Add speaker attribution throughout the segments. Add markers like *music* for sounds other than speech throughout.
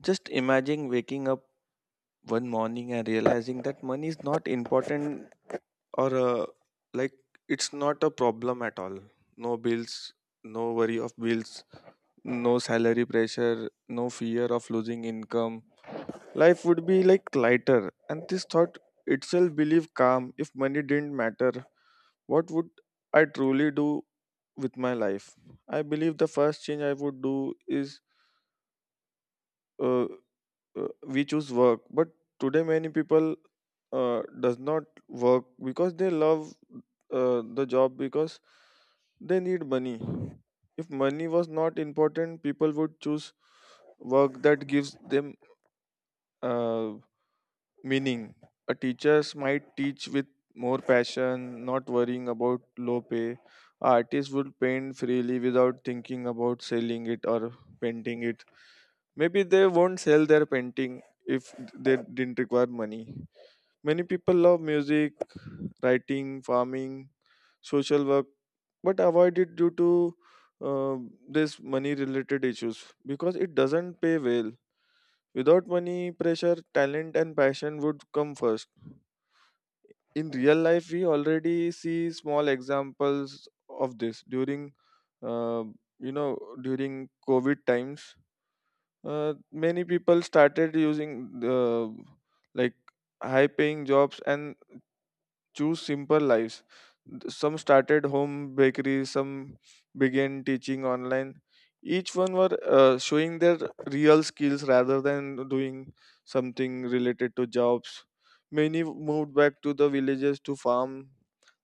Speaker 1: Just imagine waking up one morning and realizing that money is not important or like it's not a problem at all. No bills, no worry of bills, no salary pressure, no fear of losing income. Life would be like lighter. And this thought itself believe calm. If money didn't matter, what would I truly do with my life? I believe the first change I would do is. uh. We choose work but today many people does not work because they love the job because they need money. If money was not important, people would choose work that gives them uh, meaning. A teachers might teach with more passion, not worrying about low pay. Artists would paint freely without thinking about selling it or painting it. Maybe they won't sell their painting if they didn't require money. Many people love music, writing, farming, social work, but avoid it due to uh, this money related issues because it doesn't pay well. Without money pressure, talent and passion would come first. In real life, we already see small examples of this during, uh, during COVID times. Many people started using the like high paying jobs and choose simple lives. Some started home bakeries, some began teaching online. Each one were showing their real skills rather than doing something related to jobs. Many moved back to the villages to farm.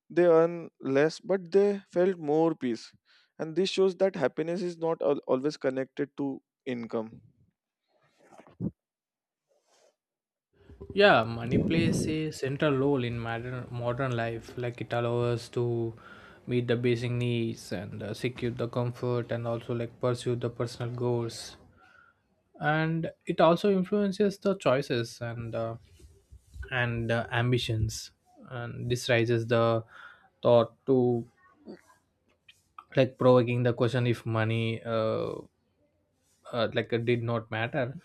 Speaker 1: They earn less but they felt more peace, and this shows that happiness is not always connected to income.
Speaker 2: Yeah, money plays
Speaker 1: Yeah,
Speaker 2: a central role in modern life. Like it allows us to meet the basic needs and secure the comfort, and also like pursue the personal goals. And it also influences the choices and ambitions. And this raises the thought to like provoking the question if money did not matter,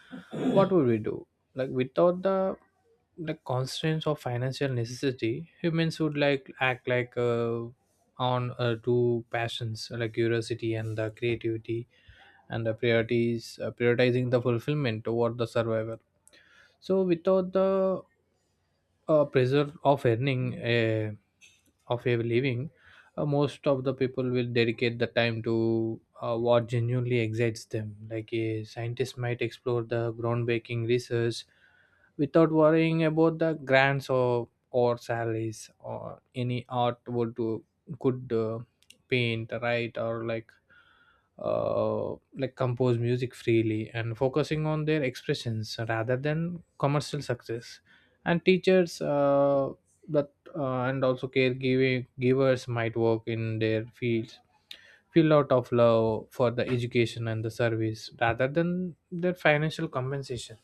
Speaker 2: what would we do, like without the constraints of financial necessity. Humans would like act on two passions, like curiosity and the creativity, and the priorities, prioritizing the fulfillment over the survival. So without the pressure of earning a of a living, most of the people will dedicate the time to what genuinely excites them. Like a scientist might explore the groundbreaking research without worrying about the grants or salaries, or any art would do, could paint, write, or like compose music freely and focusing on their expressions rather than commercial success. And teachers, the and also caregiving givers might work in their fields filled out of love for the education and the service rather than their financial compensation.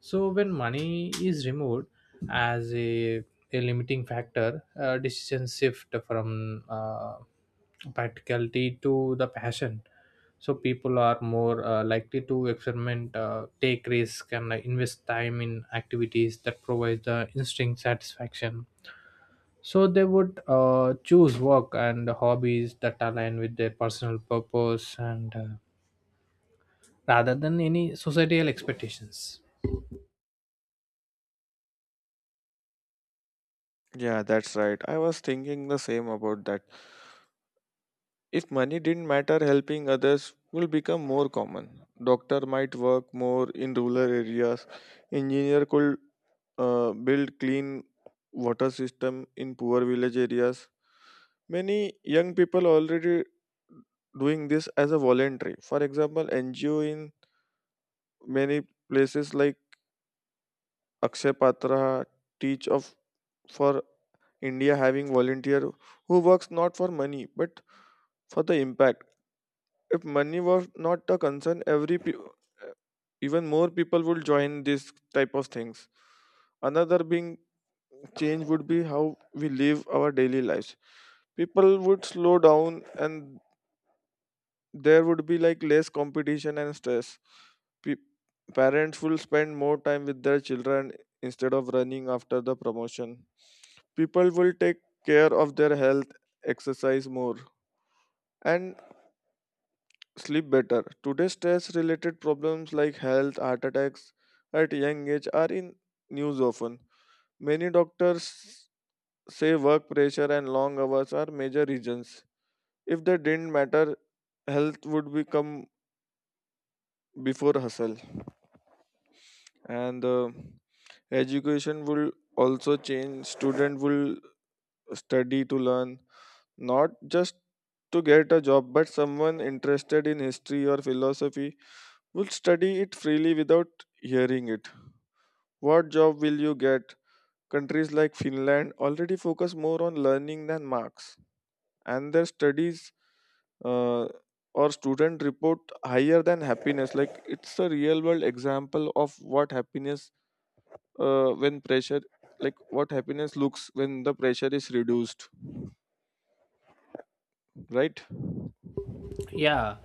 Speaker 2: So when money is removed as a limiting factor, decisions shift from practicality to the passion. So people are more likely to experiment, take risk, and invest time in activities that provide the instinct satisfaction. So they would choose work and hobbies that align with their personal purpose and rather than any societal expectations.
Speaker 1: that's right. I was thinking the same about that. If money didn't matter, helping others will become more common. Doctor might work more in rural areas. Engineer could build clean water system in poor village areas. Many young people already doing this as a voluntary. For example, NGO in many places like Akshay Patra, teach of for India, having volunteer who works not for money but for the impact. If money was not a concern, even more people would join this type of things. Another being change would be how we live our daily lives. People would slow down and there would be like less competition and stress. Pe- Parents will spend more time with their children instead of running after the promotion. People will take care of their health, exercise more, and sleep better. Today, stress related problems like health, heart attacks at young age are in news often. Many doctors say work pressure and long hours are major reasons. If they didn't matter, health would become before hustle. And education will also change. Student will study to learn, not just to get a job, but someone interested in history or philosophy will study it freely without hearing it. What job will you get? Countries like Finland already focus more on learning than marks, and their studies uh, or student report higher than happiness. Like it's a real world example of what happiness when pressure, like what happiness looks when the pressure is reduced, right?
Speaker 2: Yeah,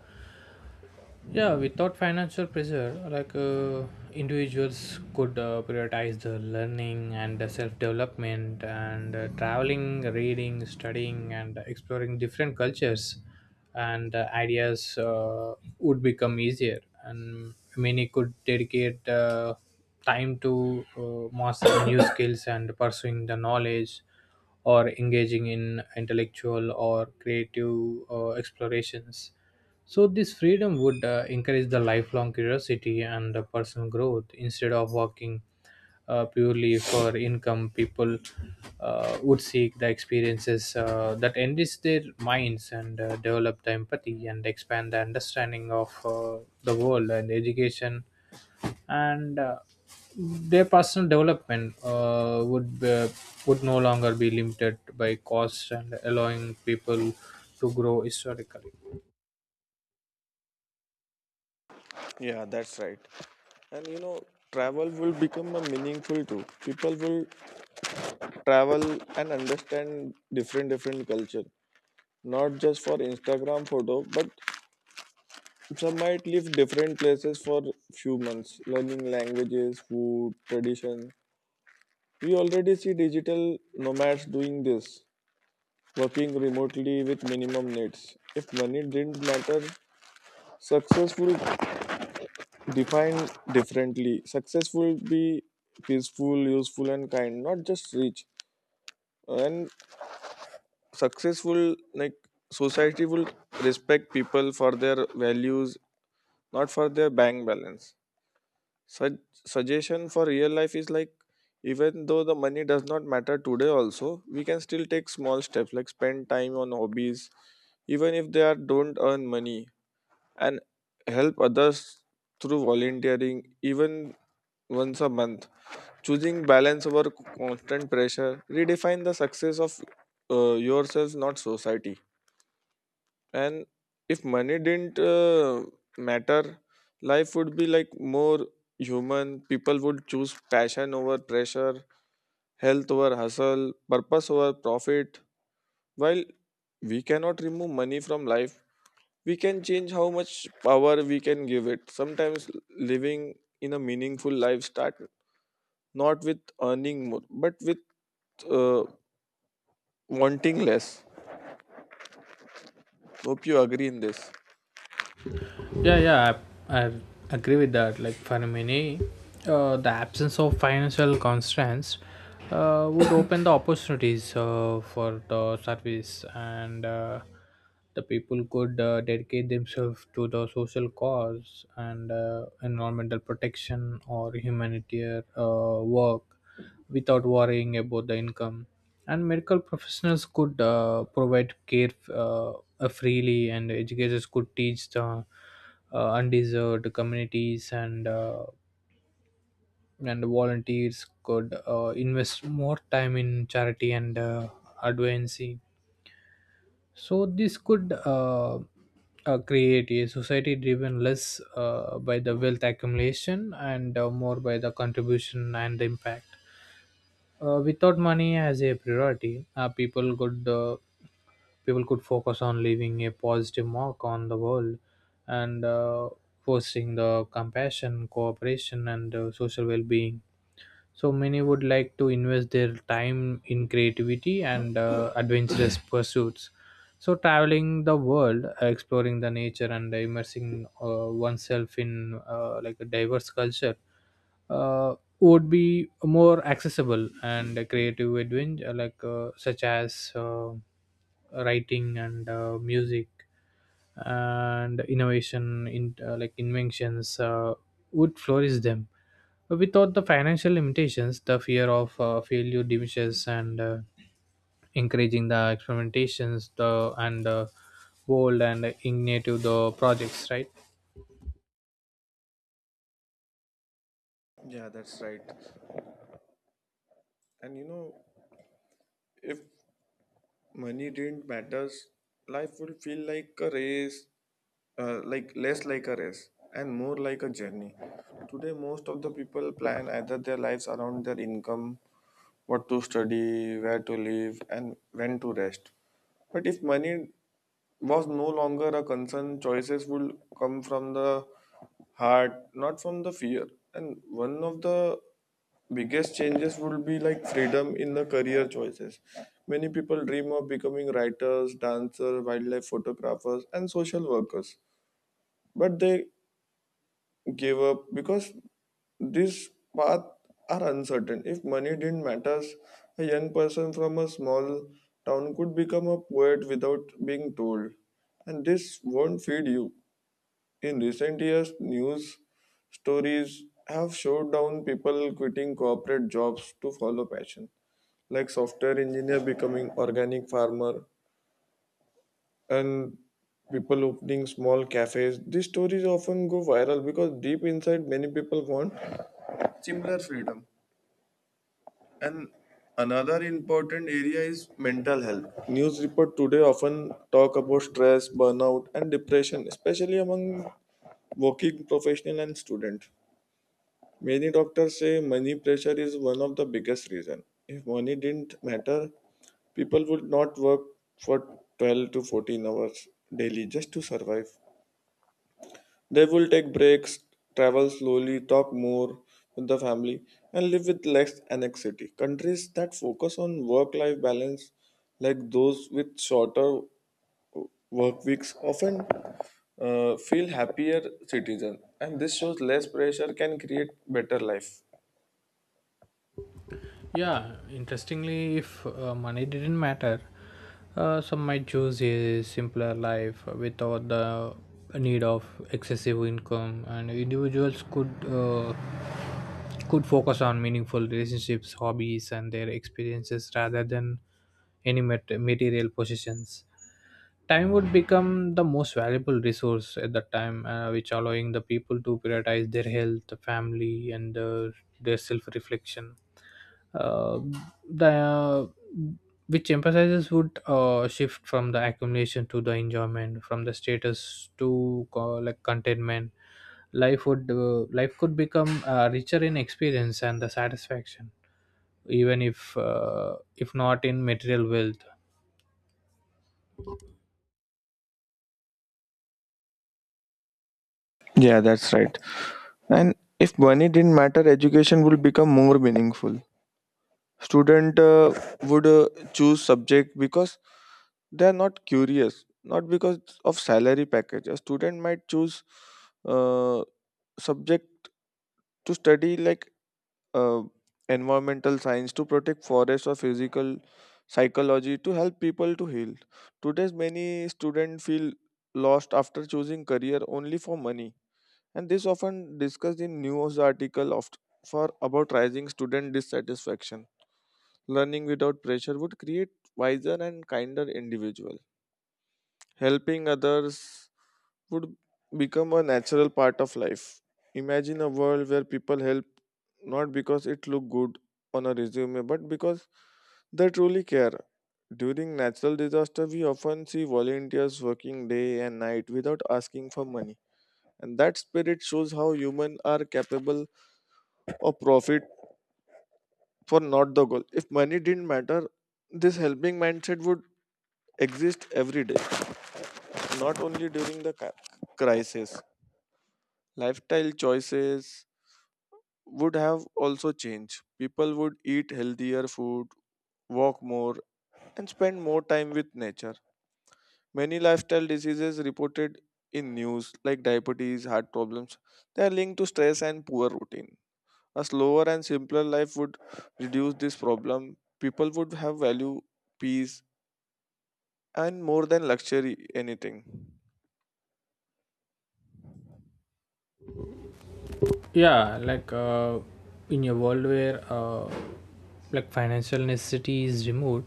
Speaker 2: Yeah, without financial pressure, individuals could prioritize the learning and the self development, and traveling, reading, studying, and exploring different cultures and ideas would become easier. And many could dedicate time to mastering new *coughs* skills and pursuing the knowledge, or engaging in intellectual or creative explorations. So, this freedom would encourage the lifelong curiosity and the personal growth instead of working purely for income. People would seek the experiences that enrich their minds and develop the empathy and expand the understanding of the world and education and their personal development would no longer be limited by cost, and allowing people to grow historically.
Speaker 1: Yeah, that's right. And you know, travel will become a meaningful too. People will travel and understand different culture, not just for Instagram photo. But some might live different places for few months, learning languages, food, tradition. We already see digital nomads doing this, working remotely with minimum needs. If money didn't matter, successful defined differently. Successful be peaceful, useful, and kind, not just rich. And successful like society will respect people for their values, not for their bank balance. Such suggestion for real life is like, even though the money does not matter today also, we can still take small steps like spend time on hobbies even if they are don't earn money, and help others through volunteering even once a month, choosing balance over constant pressure, redefine the success of yourself not society. And if money didn't matter, life would be like more human. People would choose passion over pressure, health over hustle, purpose over profit. While we cannot remove money from life, we can change how much power we can give it. Sometimes living in a meaningful life start not with earning more but with uh, wanting less. Hope you agree in this.
Speaker 2: Yeah, yeah, I agree with that. Like for many, the absence of financial constraints would open the opportunities for the service, and the people could dedicate themselves to the social cause and environmental protection or humanitarian work without worrying about the income. And medical professionals could provide care freely, and educators could teach the undeserved communities, and volunteers could invest more time in charity and advocacy. So this could create a society driven less by the wealth accumulation and more by the contribution and the impact. Without money as a priority, uh, people could focus on leaving a positive mark on the world, and fostering the compassion, cooperation, and social well-being. So many would like to invest their time in creativity and adventurous *coughs* pursuits. So traveling the world, exploring the nature, and immersing oneself in a diverse culture uh, would be more accessible, and a creative adventure such as writing and music, and innovation in inventions would flourish them. But without the financial limitations, the fear of failure diminishes, and encouraging the experimentations, the and bold and innovative the projects, right?
Speaker 1: If money didn't matters, life would feel like a race, like less like a race and more like a journey. Today, most of the people plan either their lives around their income, what to study, where to live, and when to rest. But if money was no longer a concern, choices would come from the heart, not from the fear. And one of the biggest changes would be like freedom in the career choices. Many people dream of becoming writers, dancers, wildlife photographers, and social workers, but they give up because these paths are uncertain. If money didn't matter, a young person from a small town could become a poet without being told and this won't feed you. In recent years, news stories have showed down people quitting corporate jobs to follow passion, like software engineer becoming organic farmer and people opening small cafes. These stories often go viral because deep inside many people want similar freedom. And another important area is mental health. News report today often talk about stress, burnout, and depression, especially among working professional and student. Many doctors say money pressure is one of the biggest reason. If money didn't matter, people would not work for 12 to 14 hours daily just to survive. They will take breaks, travel slowly, talk more with the family, and live with less anxiety. Countries that focus on work life balance, like those with shorter work weeks, often feel happier citizens, and this shows less pressure can create better life.
Speaker 2: Yeah, interestingly, if money didn't matter, some might choose a simpler life without the need of excessive income, and individuals could focus on meaningful relationships, hobbies, and their experiences rather than any material possessions. Time would become the most valuable resource at that time, which allowing the people to prioritize their health, family, and their self-reflection. Uh, the Which emphasizes would shift from the accumulation to the enjoyment, from the status to contentment. Life could become richer in experience and the satisfaction, even if not in material wealth.
Speaker 1: Yeah, that's right. And if money didn't matter, education would become more meaningful. Student would choose subject because they are not curious, not because of salary package. A student might choose uh, subject to study like uh, environmental science to protect forests or physical psychology to help people to heal. Today's many students feel lost after choosing career only for money, and this often discussed in news article of, for about rising student dissatisfaction. Learning without pressure would create wiser and kinder individual. Helping others would become a natural part of life. Imagine a world where people help not because it look good on a resume but because they truly care. During natural disaster, we often see volunteers working day and night without asking for money. And that spirit shows how humans are capable of profit for not the goal. If money didn't matter, this helping mindset would exist every day, not only during the crisis. Lifestyle choices would have also changed. People would eat healthier food, walk more, and spend more time with nature. Many lifestyle diseases reported in news, like diabetes, heart problems, they are linked to stress and poor routine. A slower and simpler life would reduce this problem. People would have value, peace, and more than luxury anything.
Speaker 2: yeah like uh, in a world where like financial necessity is removed,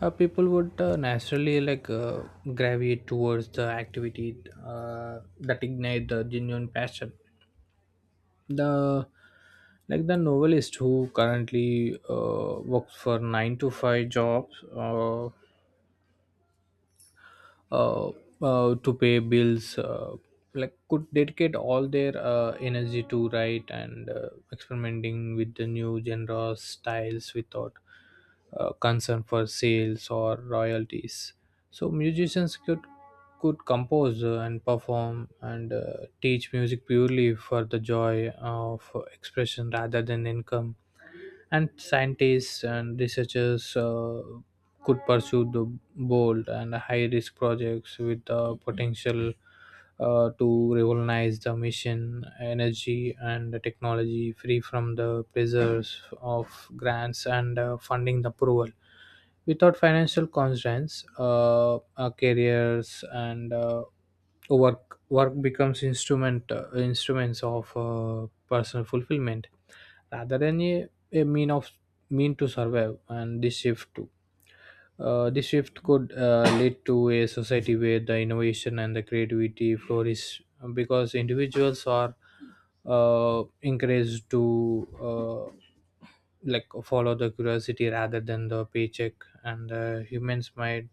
Speaker 2: people would naturally gravitate towards the activity that ignite the genuine passion. The Like the novelist who currently works for 9 to 5 jobs, uh, to pay bills, like could dedicate all their energy to write and experimenting with the new genres styles without concern for sales or royalties. So musicians could compose, and perform, and teach music purely for the joy of expression rather than income. And scientists and researchers could pursue the bold and high risk projects with the potential to revolutionize the mission, energy, and the technology, free from the pressures of grants and funding approval. Without financial constraints, our careers and uh, work becomes instruments of personal fulfillment rather than a mean of mean to survive. And this shift, this shift could lead to a society where the innovation and the creativity flourish, because individuals are encouraged to follow the curiosity rather than the paycheck. And humans might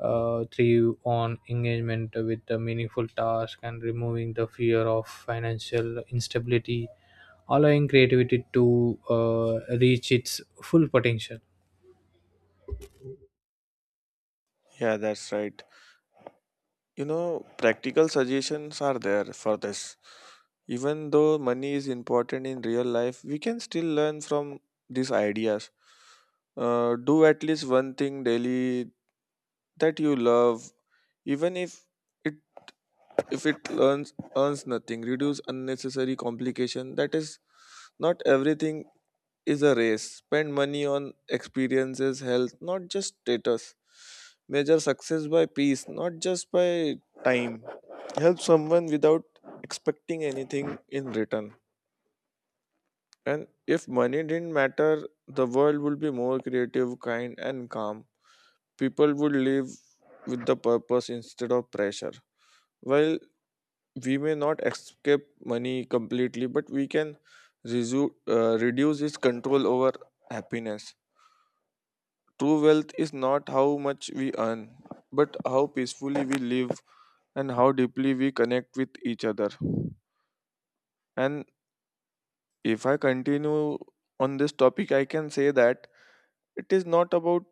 Speaker 2: thrive on engagement with the meaningful task, and removing the fear of financial instability, allowing creativity to reach its full potential.
Speaker 1: Yeah, that's right. You know, practical suggestions are there for this. Even though money is important in real life, we can still learn from these ideas. Do at least one thing daily that you love, even it if it earns nothing. Reduce unnecessary complication. That is, not everything is a race. Spend money on experiences, health, not just status. Measure success by peace, not just by time. Help someone without expecting anything in return. And if money didn't matter, the world would be more creative, kind, and calm. People would live with the purpose instead of pressure. While we may not escape money completely, but we can reduce its control over happiness. True wealth is not how much we earn, but how peacefully we live and how deeply we connect with each other. And if I continue on this topic, I can say that it is not about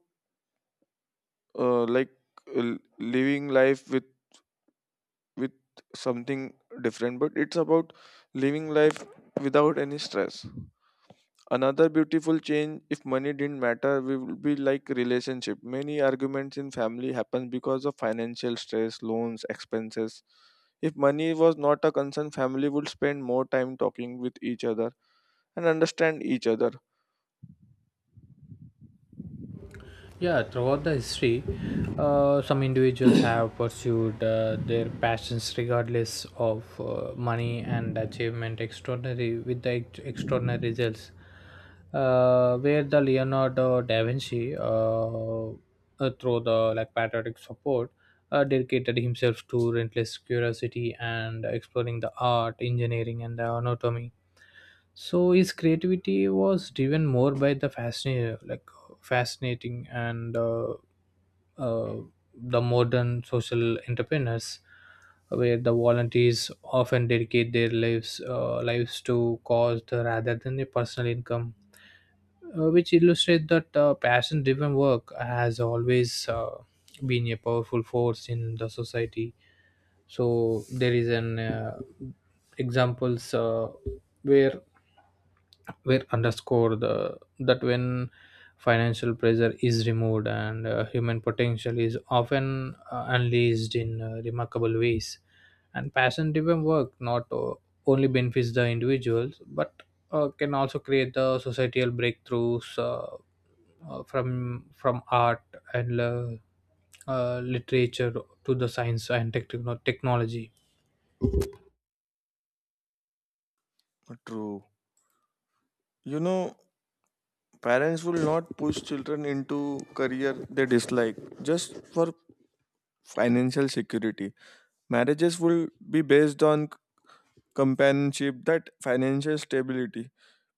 Speaker 1: uh, like living life with something different, but it's about living life without any stress. Another beautiful change if money didn't matter we would be like relationship. Many arguments in family happen because of financial stress, loans, expenses. If money was not a concern, family would spend more time talking with each other and understand each other.
Speaker 2: Yeah, throughout the history, some individuals *coughs* have pursued their passions regardless of money and achievement, extraordinary with the extraordinary results. Where the Leonardo da Vinci, through the like patriotic support, dedicated himself to relentless curiosity and exploring the art, engineering, and the anatomy. So his creativity was driven more by the fascinating and uh, the modern social entrepreneurs, where the volunteers often dedicate their lives to cause rather than their personal income, which illustrate that passion driven work has always been a powerful force in the society. So there is an examples where where underscore the that when financial pressure is removed, and human potential is often unleashed in remarkable ways, and passion driven work not only benefits the individuals but can also create the societal breakthroughs, from art and literature to the science and technology.
Speaker 1: True. You know, parents will not push children into career they dislike just for financial security. Marriages will be based on companionship that financial stability.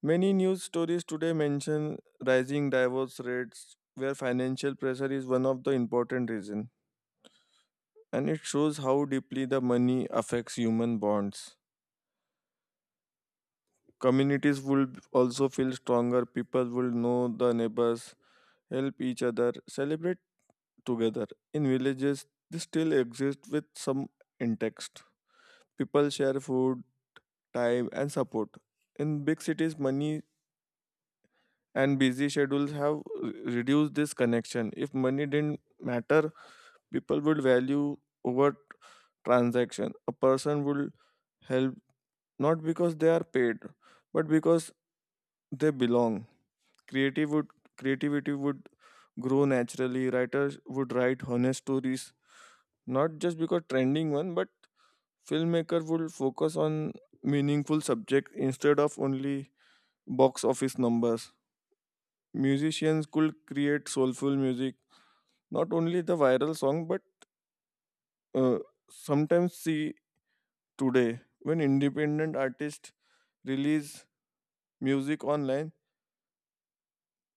Speaker 1: Many news stories today mention rising divorce rates where financial pressure is one of the important reasons, and it shows how deeply the money affects human bonds. Communities will also feel stronger. People will know the neighbors, help each other, celebrate together. In villages, this still exists with some intact. People share food, time, and support. In big cities, money and busy schedules have r- reduced this connection. If money didn't matter, people would value over transaction. A person will help not because they are paid, but because they belong. Creative would, creativity would grow naturally. Writers would write honest stories, not just because trending one, but filmmaker would focus on meaningful subject instead of only box office numbers. Musicians could create soulful music. Not only the viral song, but uh, sometimes see today when independent artists release music online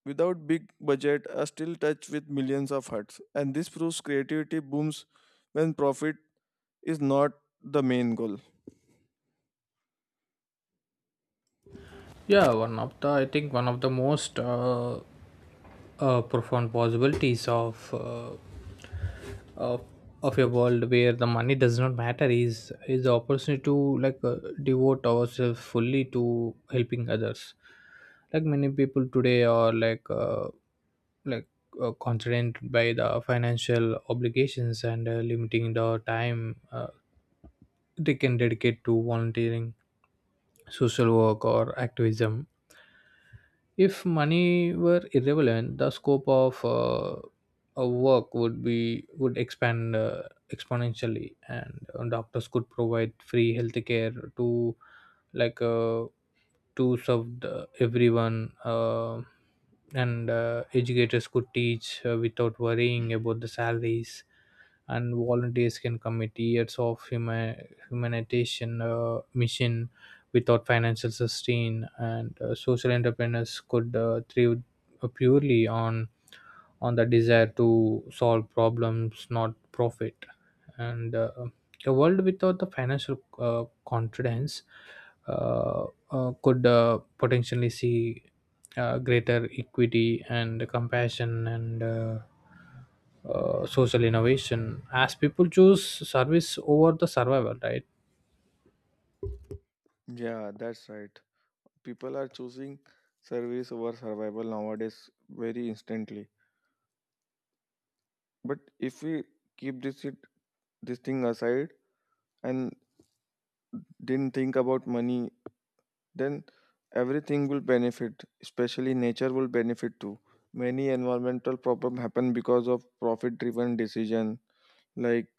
Speaker 1: without big budget are still touch with millions of hearts. And this proves creativity booms when profit is not the main goal.
Speaker 2: Yeah, one of the I think one of the most profound possibilities of of a world where the money does not matter is the opportunity to devote ourselves fully to helping others. Like many people today are like constrained by the financial obligations and limiting the time they can dedicate to volunteering, social work, or activism. If money were irrelevant, the scope of a work would expand exponentially, and doctors could provide free healthcare to like uh, to serve the, everyone, and educators could teach without worrying about the salaries, and volunteers can commit years of humanitarian mission without financial sustain, and social entrepreneurs could thrive purely on the desire to solve problems, not profit. And a world without the financial confidence uh, could potentially see greater equity and compassion and social innovation, as people choose service over the survival, right?
Speaker 1: Yeah, that's right. People are choosing service over survival nowadays very instantly. But if we keep this thing aside and didn't think about money, then everything will benefit, especially nature will benefit too. Many environmental problem happen because of profit driven decision like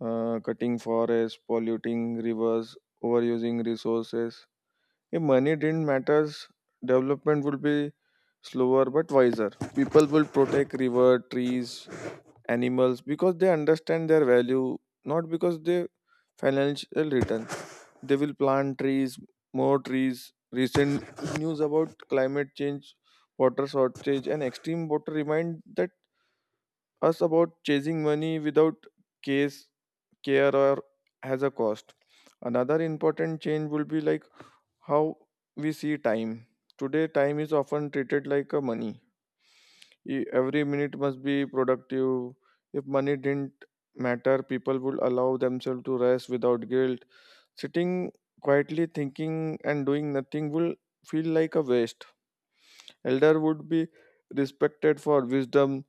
Speaker 1: cutting forests, polluting rivers, overusing resources. If money didn't matters, development would be slower but wiser. People will protect river, trees, animals because they understand their value, not because they financial return. They will plant trees, more trees. Recent news about climate change, water shortage, and extreme water remind that us about chasing money without case care or has a cost. Another important change will be like how we see time. Today, time is often treated like a money. Every minute must be productive. If money didn't matter, people would allow themselves to rest without guilt. Sitting quietly, thinking, and doing nothing will feel like a waste. Elder would be respected for wisdom,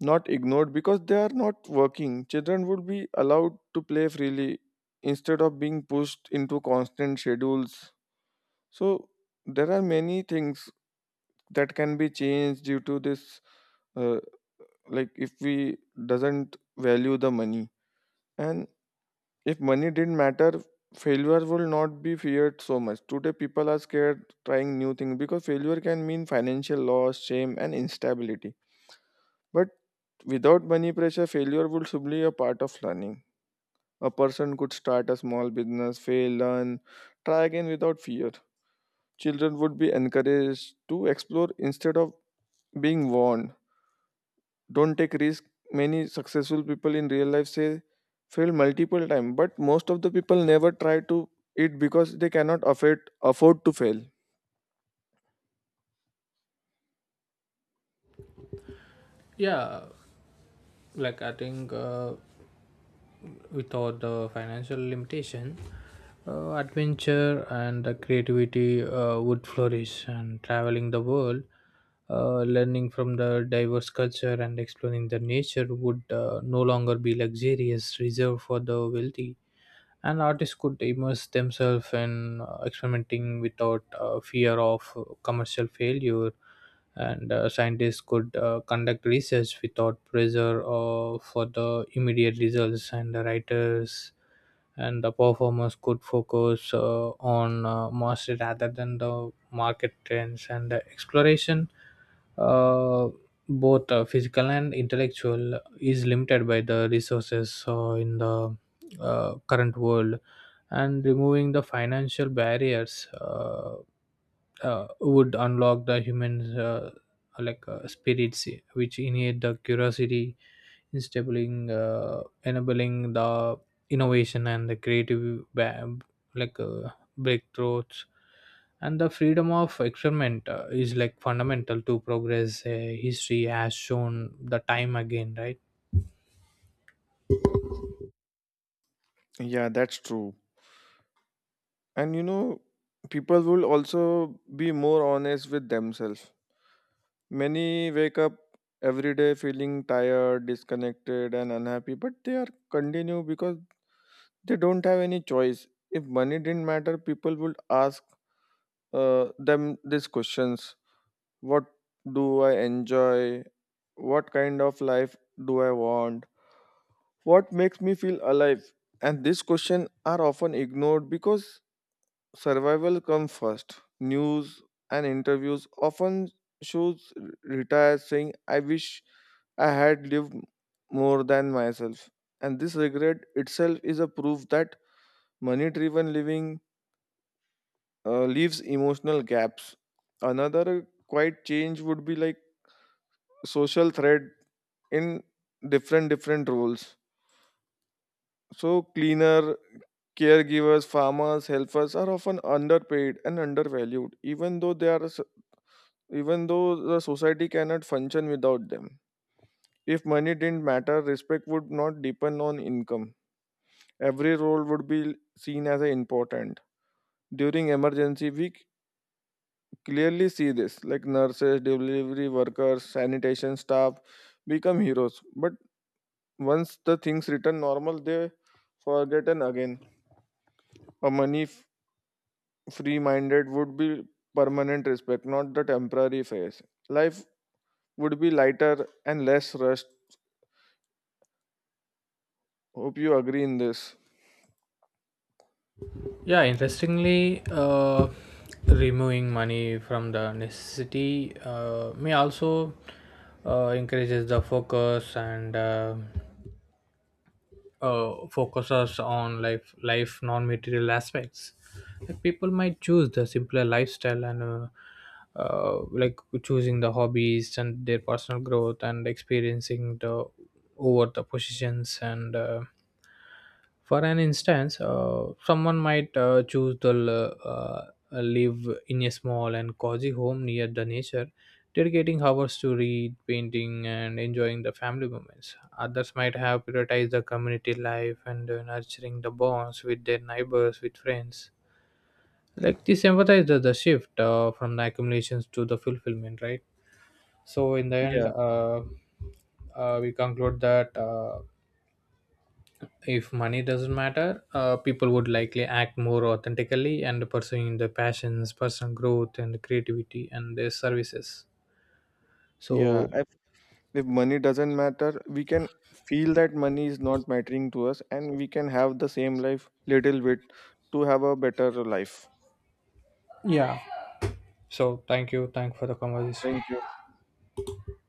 Speaker 1: not ignored because they are not working. Children would be allowed to play freely instead of being pushed into constant schedules. So, there are many things that can be changed due to this, uh, like if we doesn't value the money. And if money didn't matter, failure will not be feared so much. Today people are scared trying new things because failure can mean financial loss, shame, and instability. But without money pressure, failure would simply a part of learning. A person could start a small business, fail, learn, try again without fear. Children would be encouraged to explore instead of being warned, don't take risk. Many successful people in real life say fail multiple times, but most of the people never try to it because they cannot afford to fail.
Speaker 2: Yeah, like I think. Without the financial limitation, adventure and the creativity would flourish. And traveling the world, learning from the diverse culture and exploring the nature would no longer be luxurious reserved for the wealthy. And artists could immerse themselves in experimenting without fear of commercial failure, and scientists could conduct research without pressure for the immediate results, and the writers and the performers could focus on mastery rather than the market trends. And the exploration, uh, both physical and intellectual, is limited by the resources in the current world, and removing the financial barriers would unlock the human spirits, which innate the curiosity, instabling enabling the innovation and the creative like uh, breakthroughs. And the freedom of experiment is like fundamental to progress, history has shown the time again, right?
Speaker 1: Yeah, that's true. And you know, people will also be more honest with themselves. Many wake up every day feeling tired, disconnected, and unhappy, but they are continue because they don't have any choice. If money didn't matter, people would ask them these questions. What do I enjoy? What kind of life do I want? What makes me feel alive? And these questions are often ignored because survival comes first. News and interviews often shows retired saying, I wish I had lived more than myself. And this regret itself is a proof that money driven living leaves emotional gaps. Another quiet change would be like social thread in different roles. So cleaner, caregivers, farmers, helpers are often underpaid and undervalued, even though they are even though the society cannot function without them. If money didn't matter, respect would not depend on income. Every role would be seen as a important. During emergency, we clearly see this, like nurses, delivery workers, sanitation staff become heroes. But once the things return normal, they forgotten again. A free minded would be permanent respect, not the temporary phase. Life would be lighter and less rushed. Hope you agree in this.
Speaker 2: Yeah, interestingly, removing money from the necessity may also encourages the focus and focuses on life life non-material aspects. Like people might choose the simpler lifestyle and choosing the hobbies and their personal growth and experiencing the over the positions, and for an instance, someone might choose to live in a small and cozy home near the nature, dedicating hours to read, painting, and enjoying the family moments. Others might have prioritized the community life and nurturing the bonds with their neighbors, with friends. Like this emphasizes the shift from the accumulations to the fulfillment, right? So, in the
Speaker 1: Yeah,
Speaker 2: end, we conclude that if money doesn't matter, people would likely act more authentically and pursuing their passions, personal growth, and creativity, and their services.
Speaker 1: yeah.
Speaker 2: So,
Speaker 1: If money doesn't matter, we can feel that money is not mattering to us and we can have the same life little bit to have a better life.
Speaker 2: yeah. So thank you. Thank for the conversation.
Speaker 1: Thank you.